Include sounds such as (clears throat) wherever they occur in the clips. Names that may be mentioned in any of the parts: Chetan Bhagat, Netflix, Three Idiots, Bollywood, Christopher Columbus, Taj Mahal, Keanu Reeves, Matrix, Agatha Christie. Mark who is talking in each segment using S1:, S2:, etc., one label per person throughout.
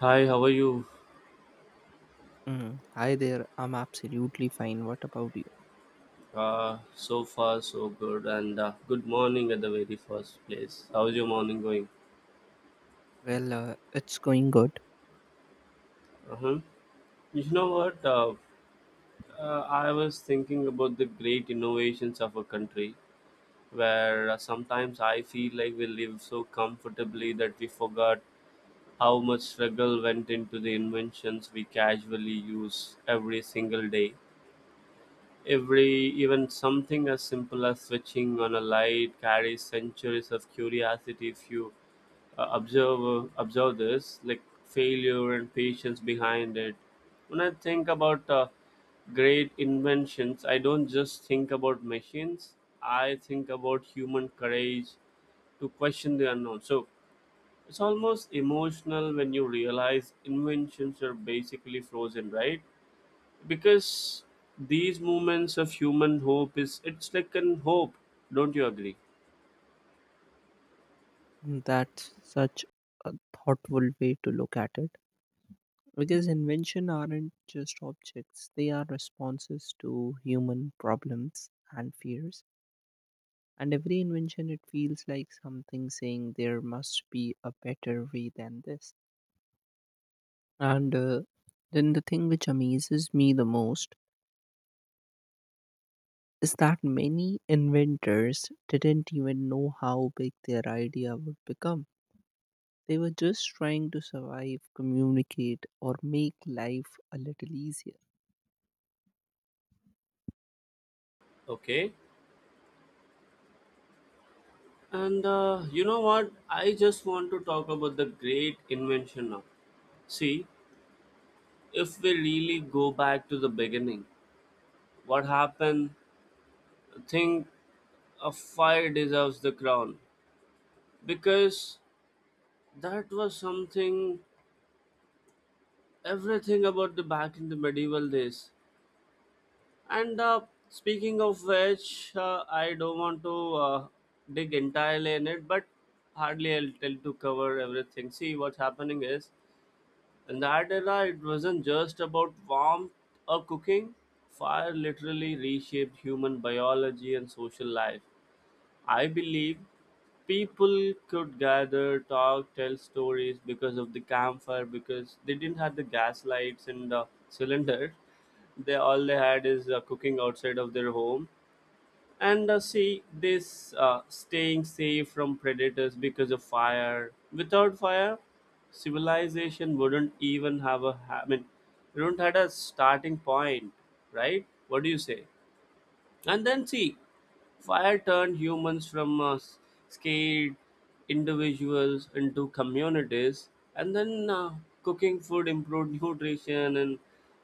S1: Hi, how are you?
S2: Mm. Hi there, I'm absolutely fine. What about you?
S1: So far, so good. And good morning at the very first place. How's your morning going?
S2: Well, it's going good.
S1: Uh-huh. You know what? I was thinking about the great innovations of a country where sometimes I feel like we live so comfortably that we forgot how much struggle went into the inventions we casually use every single day. Every even something as simple as switching on a light carries centuries of curiosity if you observe this like failure and patience behind it when I think about great inventions I don't just think about machines. I think about human courage to question the unknown, so it's almost emotional when you realize inventions are basically frozen, right? Because these moments of human hope is it's like an hope. Don't you agree?
S2: Mm, that's such a thoughtful way to look at it because invention aren't just objects, they are responses to human problems and fears. And every invention, it feels like something saying there must be a better way than this. And Then the thing which amazes me the most is that many inventors didn't even know how big their idea would become. They were just trying to survive, communicate, or make life a little easier.
S1: Okay. and You know what? I just want to talk about the great invention now. See, if we really go back to the beginning, what happened? Think, a fire deserves the crown because that was something. Everything about the back in the medieval days. And Speaking of which, I don't want to dig entirely in it, but hardly I'll tell to cover everything. See, what's happening is in that era, it wasn't just about warmth or cooking. Fire literally reshaped human biology and social life. I believe people could gather, talk, tell stories because of the campfire, because they didn't have the gas lights and the cylinder. They had is cooking outside of their home, and see this staying safe from predators because of fire. Without fire, civilization wouldn't even I mean, wouldn't had a starting point, right? What do you say? And then see, fire turned humans from scared individuals into communities, and then cooking food improved nutrition, and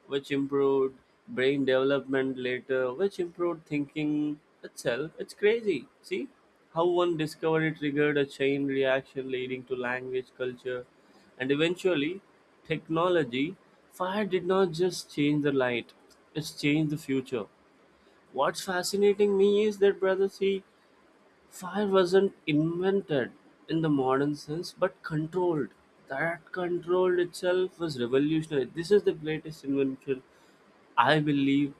S1: which improved brain development later, which improved thinking itself. It's crazy. See how one discovery triggered a chain reaction leading to language, culture, and eventually technology. Fire did not just change the light; it's changed the future. What's fascinating me is that, brother, see, fire wasn't invented in the modern sense, but controlled. That control itself was revolutionary. This is the greatest invention, I believe,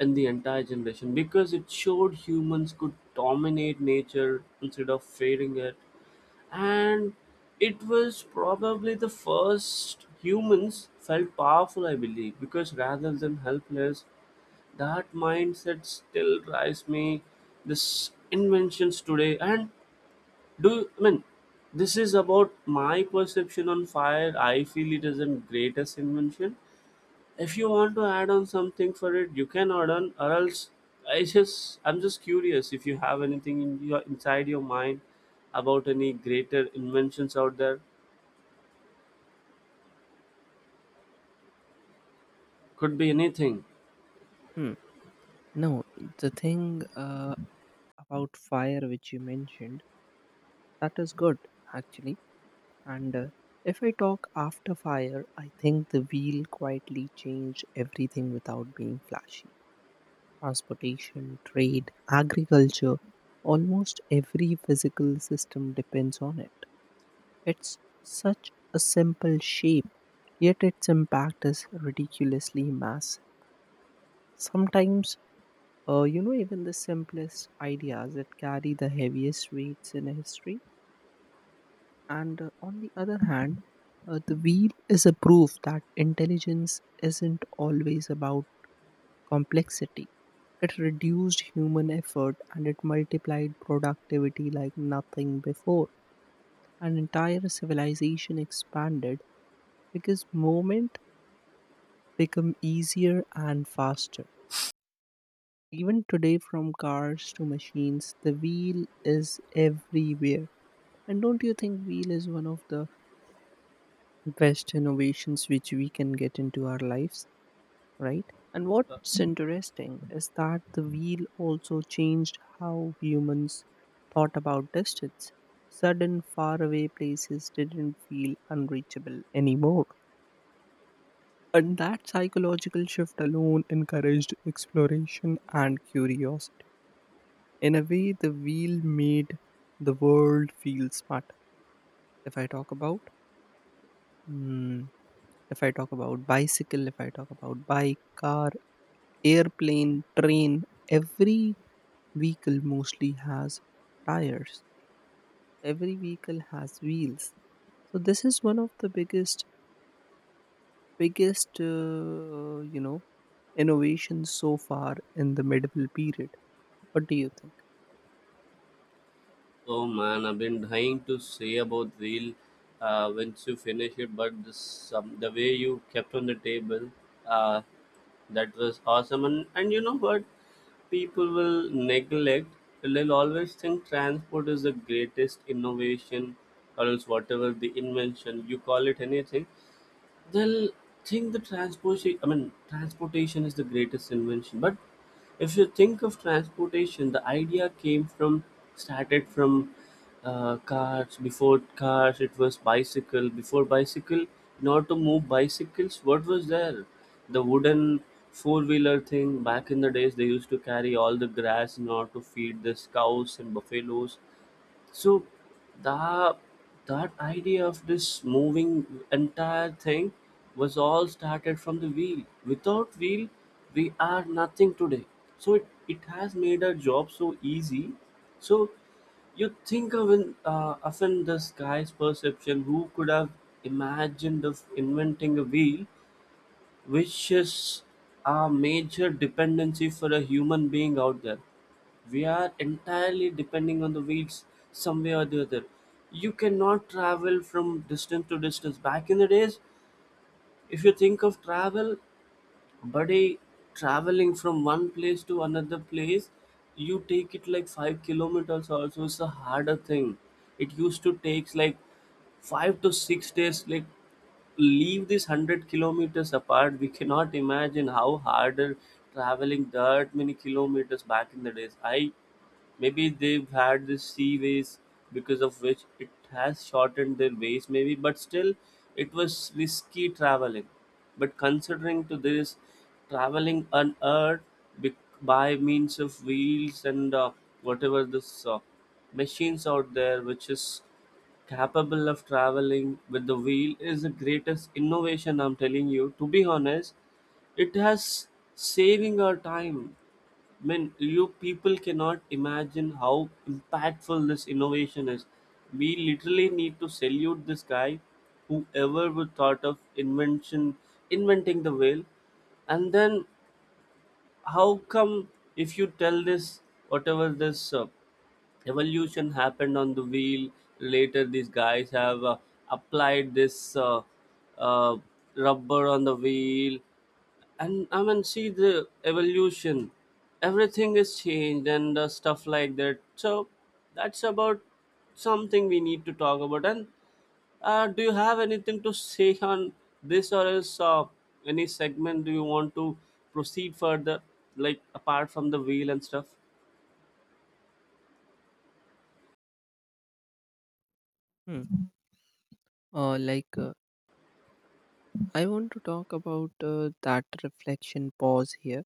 S1: in the entire generation because it showed humans could dominate nature instead of fearing it. And it was probably the first humans felt powerful, I believe, because rather than helpless, that mindset still drives me this inventions today. And I mean, this is about my perception on fire. I feel it is a greatest invention. If you want to add on something for it, you can add on, or else I'm just curious if you have anything in your inside your mind about any greater inventions out there. Could be anything.
S2: Hmm. No, the thing about fire which you mentioned, that is good actually. And if I talk after fire, I think the wheel quietly changed everything without being flashy transportation, trade, agriculture, almost every physical system depends on it. It's such a simple shape, yet its impact is ridiculously massive. Sometimes, you know, even the simplest ideas that carry the heaviest weights in history. And On the other hand, the wheel is a proof that intelligence isn't always about complexity. It reduced human effort and it multiplied productivity like nothing before. An entire civilization expanded because movement became easier and faster. Even today, from cars to machines, the wheel is everywhere. And don't you think wheel is one of the best innovations which we can get into our lives, right? And what's interesting is that the wheel also changed how humans thought about distance. Sudden, faraway places didn't feel unreachable anymore. And that psychological shift alone encouraged exploration and curiosity. In a way, the wheel made the world feel smarter. If I talk about, mm, If I talk about bicycle, if I talk about bike, car, airplane, train, every vehicle mostly has tires, every vehicle has wheels, so this is one of the biggest you know, innovations so far in the medieval period. What do you think?
S1: Oh man, I've been dying to say about Reel once you finish it, but this, the way you kept on the table, uh, that was awesome. And you know what? People will neglect, they'll always think transport is the greatest innovation, or else whatever the invention, you call it anything, they'll think the transportation. I mean, transportation is the greatest invention, but if you think of transportation, the idea came from, started from, cars. Before cars, it was bicycle. Before bicycle, in order to move bicycles, what was there? The wooden four-wheeler thing back in the days. They used to carry all the grass in order to feed the cows and buffaloes. So that that idea of this moving entire thing was all started from the wheel. Without wheel, we are nothing today. So it has made our job so easy. So you think of often this guy's perception, who could have imagined of inventing a wheel, which is a major dependency for a human being out there. We are entirely depending on the wheels some way or the other. You cannot travel from distance to distance. Back in the days, if you think of travel, buddy, traveling from one place to another place, you take it like 5 kilometers also, it's a harder thing. It used to takes like 5 to 6 days. Like, leave this 100 kilometers apart, we cannot imagine how harder traveling that many kilometers back in the days. I maybe they've had this sea ways, because of which it has shortened their ways maybe, but still it was risky traveling. But considering to this, traveling on earth by means of wheels and whatever this machines out there which is capable of traveling with the wheel is the greatest innovation. I'm telling you, to be honest, it has saving our time. I mean, you people cannot imagine how impactful this innovation is. We literally need to salute this guy, whoever would thought of invention, inventing the whale, and then how come if you tell this, whatever this evolution happened on the wheel later, these guys have applied this uh, rubber on the wheel. And I mean, see the evolution, everything is changed and stuff like that. So that's about something we need to talk about. And do you have anything to say on this, or else any segment do you want to proceed further, like apart from the wheel and stuff?
S2: Hmm. uh, like uh, I want to talk about that reflection pause here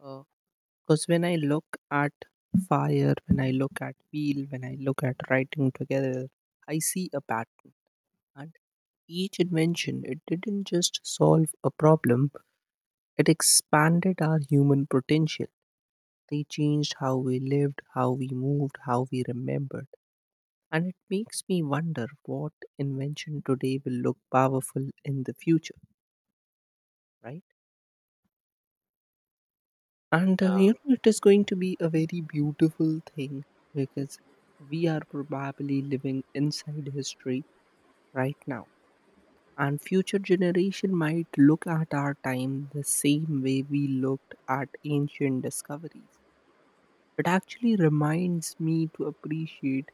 S2: because when I look at fire, when I look at wheel, when I look at writing together, I see a pattern, and each invention, it didn't just solve a problem. It expanded our human potential. They changed how we lived, how we moved, how we remembered. And it makes me wonder what invention today will look powerful in the future, right? And
S1: Yeah,
S2: you know, it is going to be a very beautiful thing because we are probably living inside history right now. And future generation might look at our time the same way we looked at ancient discoveries. It actually reminds me to appreciate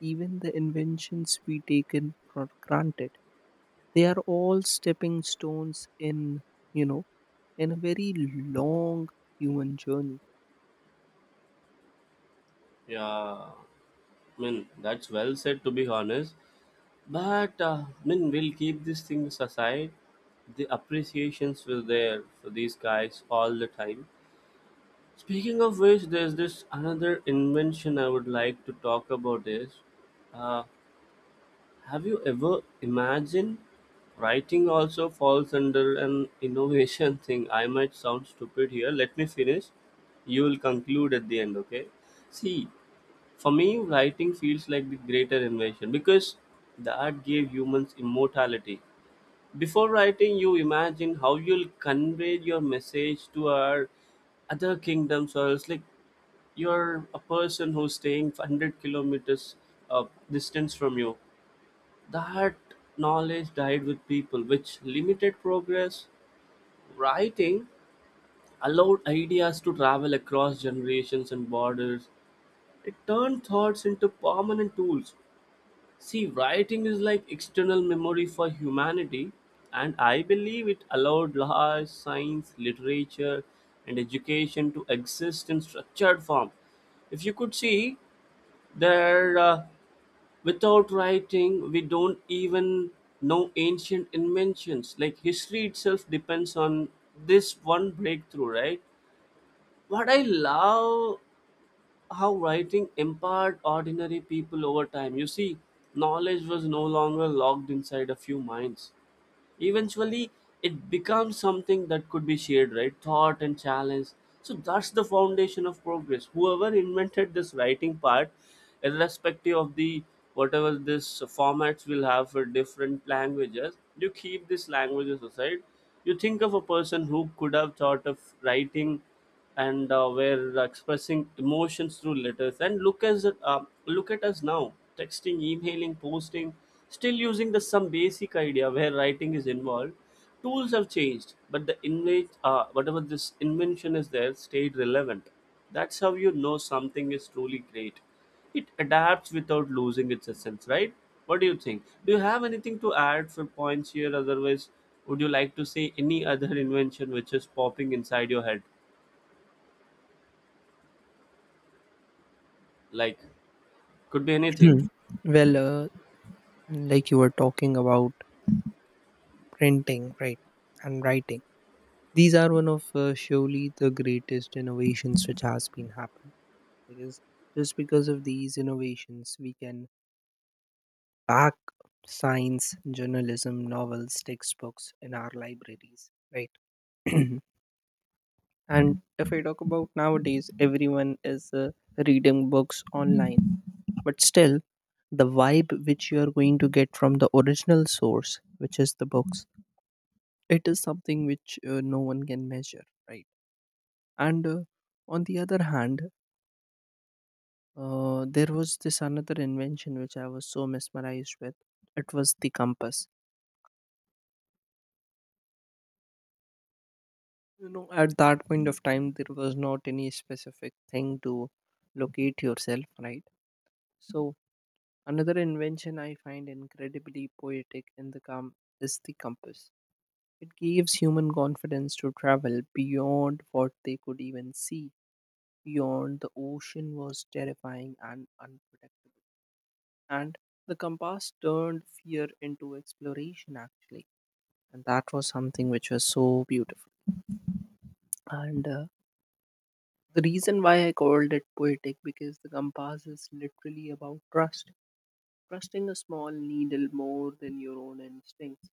S2: even the inventions we taken for granted. They are all stepping stones in, you know, in a very long human journey.
S1: yeah. I mean, that's well said, to be honest. But I mean, we'll keep these things aside. The appreciations were there for these guys all the time. Speaking of which, there's this another invention I would like to talk about. Is uh, have you ever imagined writing also falls under an innovation (laughs) thing? I might sound stupid here. Let me finish. You will conclude at the end, okay? See, for me, writing feels like the greater invention because the art gave humans immortality. Before writing, you imagine how you'll convey your message to our other kingdoms, or else like you're a person who's staying 100 kilometers uh, distance from you. That knowledge died with people, which limited progress. Writing allowed ideas to travel across generations and borders. It turned thoughts into permanent tools. See, writing is like external memory for humanity, and I believe it allowed large science, literature, and education to exist in structured form. If you could see, there, without writing, we don't even know ancient inventions. Like history itself depends on this one breakthrough, right? What I love how writing empowered ordinary people over time. You see, knowledge was no longer locked inside a few minds. Eventually, it becomes something that could be shared, right? Thought and challenge. So that's the foundation of progress. Whoever invented this writing part, irrespective of the whatever this formats will have for different languages, you keep these languages aside. You think of a person who could have thought of writing, and we're expressing emotions through letters. And look at us now, texting, emailing, posting, still using the some basic idea where writing is involved. Tools have changed, but the invent whatever this invention is there stayed relevant. That's how you know something is truly great. It adapts without losing its essence, right? What do you think? Do you have anything to add for points here? Otherwise, would you like to say any other (laughs) invention which is popping inside your head? Like, could be anything.
S2: Hmm. Well, uh, like you were talking about printing, right, and writing. These are one of surely the greatest innovations which has been happening. Because just because of these innovations, we can pack science, journalism, novels, textbooks in our libraries, right? (clears throat) And if I talk about nowadays, everyone is reading books online, but still the vibe which you are going to get from the original source, which is the books, it is something which no one can measure, right? and On the other hand, there was this another invention which I was so mesmerized with, it was the compass. You know, at that point of time, there was not any specific thing to locate yourself, right? So, another invention I find incredibly poetic in the com is the compass. It gives human confidence to travel beyond what they could even see. Beyond the ocean was terrifying and unpredictable. And the compass turned fear into exploration, actually. And that was something which was so beautiful. And the reason why I called it poetic because the compass is literally about trust, trusting a small needle more than your own instincts.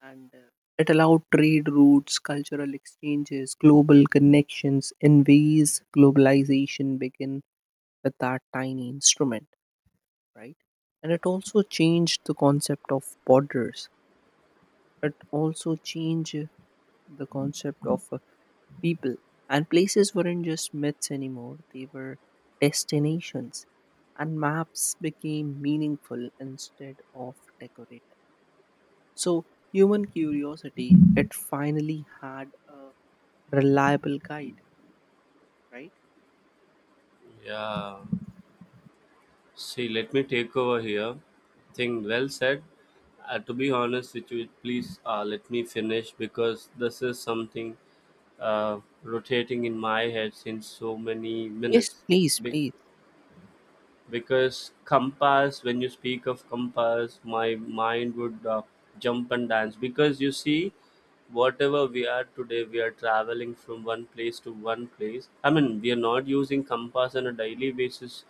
S2: And it allowed trade routes, cultural exchanges, global connections in ways globalization began with that tiny instrument, right? And it also changed the concept of borders. It also changed the concept of people. And places weren't just myths anymore, they were destinations. And maps became meaningful instead of decorative. So, human curiosity, it finally had a reliable guide, right?
S1: Yeah, see, let me take over here. Thing well said. To be honest with you, please, let me finish, because this is something rotating in my head since so many
S2: Yes,
S1: minutes.
S2: please,
S1: Be-
S2: please.
S1: because compass, when you speak of compass, my mind would jump and dance. Because you see, whatever we are today, we are traveling from one place to one place. I mean, we are not using compass on a daily basis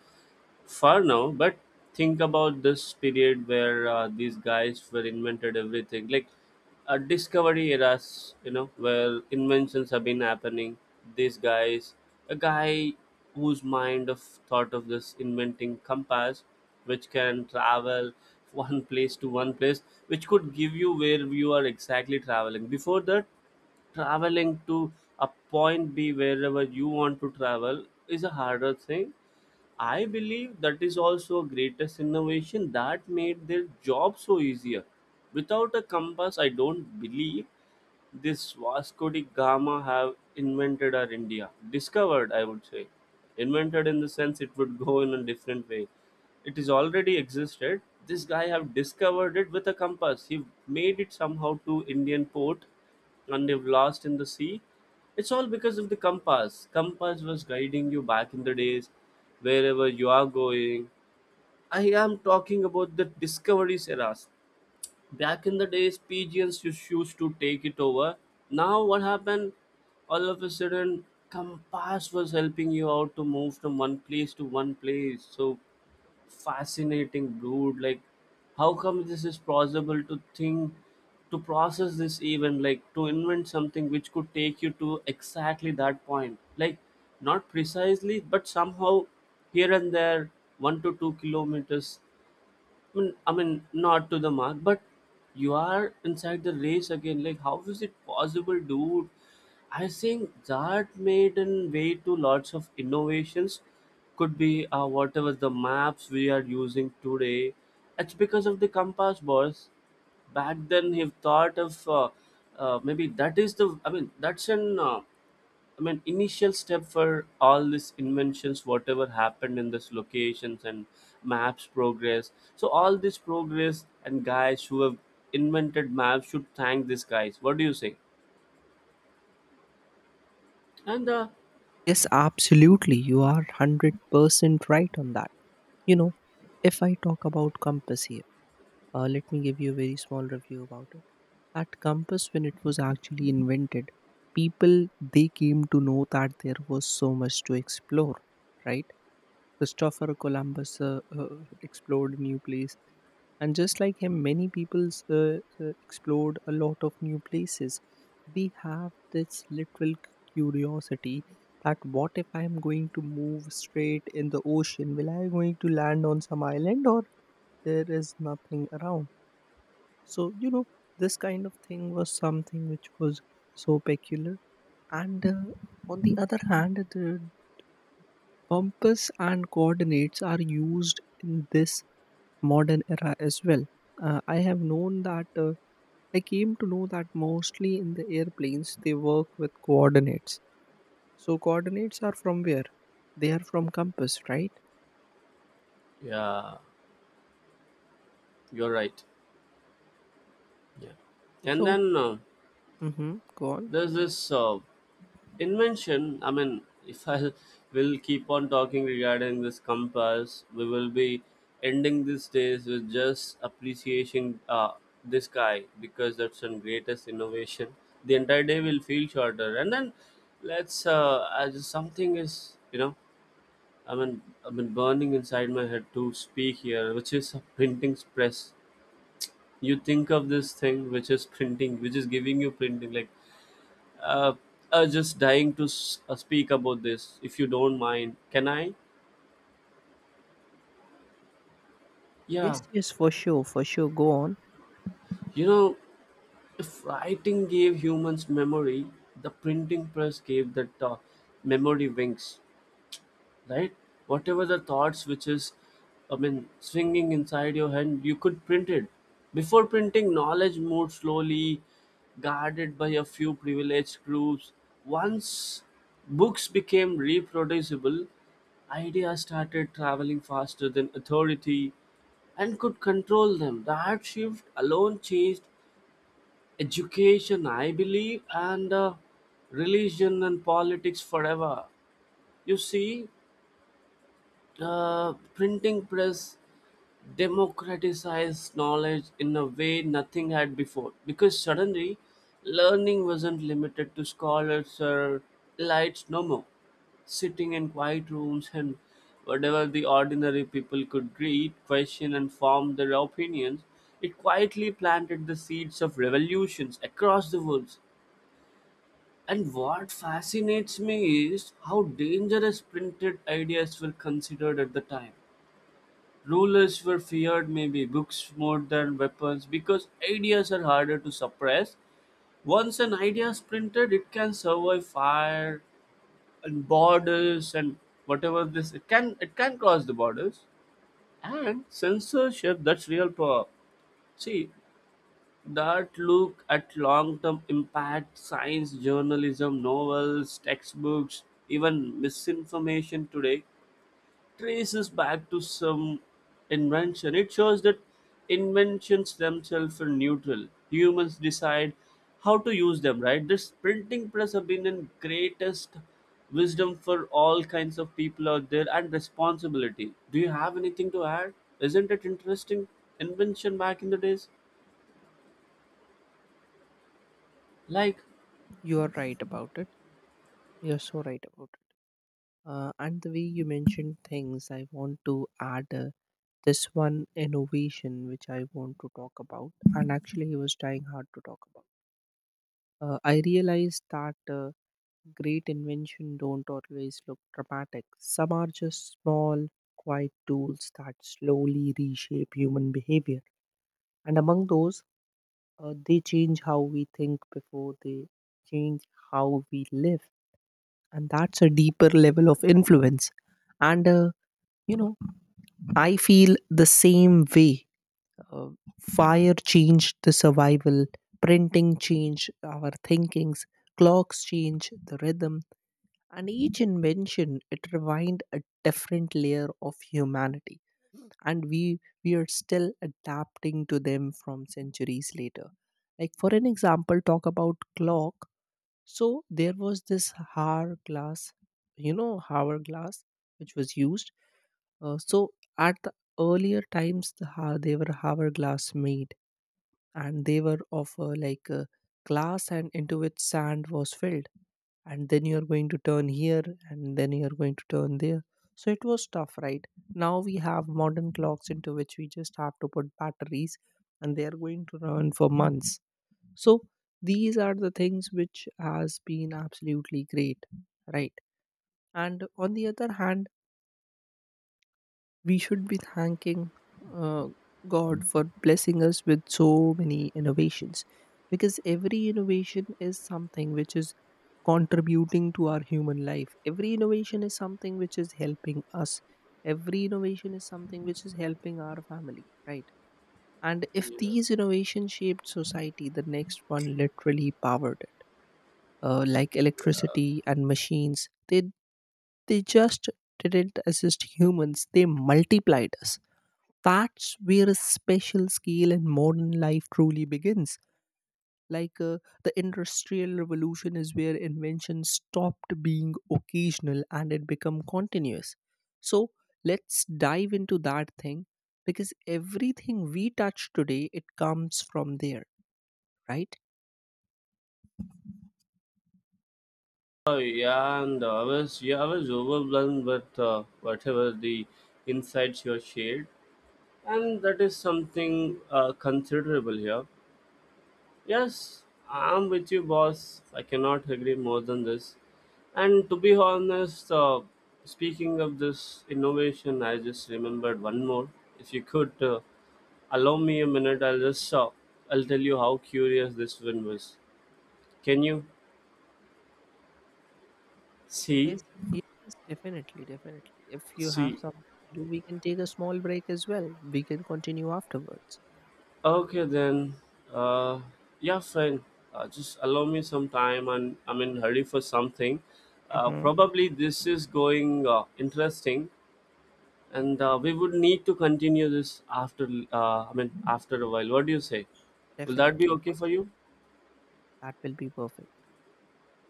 S1: far now, but think about this period where these guys were invented everything, like a discovery eras, you know, where inventions have been happening. These guys a guy whose mind of thought of this inventing compass which can travel (laughs) one place to one place, which could give you where you are exactly traveling. Before that, traveling to a point b wherever you want to travel is a harder thing. I believe that is also greatest innovation that made their job so easier. Without a compass, I don't believe this Vasco da Gama have invented our India. Discovered, I would say. Invented in the sense it would go in a different way. It is already existed. This guy have discovered it with a compass. He made it somehow to Indian port, and they've lost in the sea. It's all because of the compass. Compass was guiding you back in the days, wherever you are going. I am talking about the discoveries eras. Back in the days pigeons used to take it over. Now, what happened? All of a sudden compass was helping you out to move from one place to one place. So fascinating, dude. Like, how come this is possible to think, to process this even, like to invent something which could take you to exactly that point, like not precisely but somehow, here and there, 1 to 2 kilometers. I mean, not to the mark, but you are inside the race again. Like, how is it possible, dude? I think that made a way to lots of innovations. Could be whatever the maps we are using today. It's because of the compass, boss. Back then, he thought of maybe that is the. I mean, that's an I mean, initial step for all these inventions, whatever happened in this locations and maps progress. So all this progress and guys who have invented maps should thank these guys. What do you say? And
S2: Yes, absolutely. You are 100% right on that. You know, if I talk about compass here, uh, let me give you a very small review about it. That compass, when it was actually invented, people they came to know that there was so much to explore, right? Christopher Columbus explored new place, and just like him, many people explored a lot of new places. They have this literal curiosity that what if I am going to move straight in the ocean? Will I going to land on some island, or there is nothing around? So, you know, this kind of thing was something which was so peculiar. And on the other hand, the compass and coordinates are used in this modern era as well. I have known that, I came to know that mostly in the airplanes they work with coordinates. So, coordinates are from where? They are from compass, right?
S1: yeah, you're right. Yeah, and
S2: So,
S1: then
S2: mm-hmm, go on.
S1: there's this. Invention, I mean, if I will keep on talking regarding this compass we will be ending these days with just appreciating this guy because that's the greatest innovation. The entire day will feel shorter. And then let's as something is, I mean, I've been burning inside my head to speak here, which is a printing press. You think of this thing which is printing, which is giving you printing, like uh, just dying to speak about this. If you don't mind, can I? Yeah.
S2: Yes, yes, for sure, for sure. Go on.
S1: You know, if writing gave humans memory, the printing press gave that memory wings, right? Whatever the thoughts which is, I mean, swinging inside your head, you could print it. Before printing, knowledge moved slowly, guarded by a few privileged groups. Once books became reproducible, ideas started traveling faster than authority and could control them. That shift alone changed education, I believe, and religion and politics forever. You see, printing press democratized knowledge in a way nothing had before, because suddenly learning wasn't limited to scholars or elites no more, sitting in quiet rooms, and whatever the ordinary people could read, question and form their opinions. It quietly planted the seeds of revolutions across the world. And what fascinates me is how dangerous printed ideas were considered at the time. Rulers were feared maybe books more than weapons because ideas are harder to suppress. Once an idea is printed, it can survive fire and borders, and whatever this, it can cross the borders. And censorship, that's real power. See, that look at long term impact, science, journalism, novels, textbooks, even misinformation today traces back to some invention. It shows that inventions themselves are neutral. Humans decide how to use them, right? This printing press have been in greatest wisdom for all kinds of people out there and responsibility. Do you have anything to add? Isn't it interesting invention back in the days? Like.
S2: You are right about it. You're so right about it. And the way you mentioned things, I want to add this one innovation which I want to talk about. And actually, I was trying hard to talk about. I realized that great invention don't always look dramatic. Some are just small, quiet tools that slowly reshape human behavior. And among those, they change how we think before they change how we live, and that's a deeper level of influence. And you know, I feel the same way. Uh, fire changed the survival, printing changed our thinkings, clocks change the rhythm, and each invention, it refined a different layer of humanity. And we are still adapting to them from centuries later. Like for an example, talk about clock. So there was this hourglass, you know, hourglass which was used, so at the earlier times, they were hourglass made, and they were of glass and into which sand was filled. And then you are going to turn here, and then you are going to turn there. So it was tough, right? Now we have modern clocks into which we just have to put batteries, and they are going to run for months. So these are the things which has been absolutely great, right? And on the other hand, we should be thanking uh, God for blessing us with so many innovations because every innovation is something which is contributing to our human life. Every innovation is something which is helping us. Every innovation is something which is helping our family, right? And if these innovations shaped society, the next one literally powered it. Like electricity and machines, they just didn't assist humans, they multiplied us. That's where a special skill in modern life truly begins. Like the Industrial Revolution is where invention stopped being occasional and it become continuous. So let's dive into that thing because everything we touch today, it comes from there, right?
S1: Oh, yeah, and I was overwhelmed with whatever the insights you shared. And that is something considerable here. Yes, I'm with you, boss. I cannot agree more than this. And to be honest, speaking of this innovation, I just remembered one more. If you could allow me a minute, I'll tell you how curious this one was. Can you see?
S2: Yes, yes, yes, definitely, definitely. If you have
S1: See,
S2: something to do, we can take a small break as well. We can continue afterwards.
S1: okay then, uh, yeah, fine. Just allow me some time, and I'm in hurry for something.
S2: Mm-hmm.
S1: Probably this is going interesting, and we would need to continue this after. I mean, after a while. What do you say? Will that be
S2: Definitely,
S1: okay
S2: for
S1: for
S2: sure.
S1: you?
S2: That will be perfect.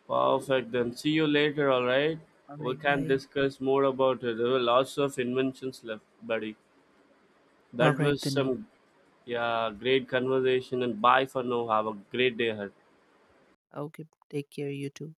S1: Perfect. Then see you later. All right.
S2: All
S1: We
S2: right,
S1: can
S2: bye.
S1: discuss more about it. There were lots of inventions left, buddy.
S2: All
S1: That
S2: right
S1: was
S2: then.
S1: some, yeah, great conversation. And bye for now. Have a great day ahead.
S2: Okay. Take care. You too.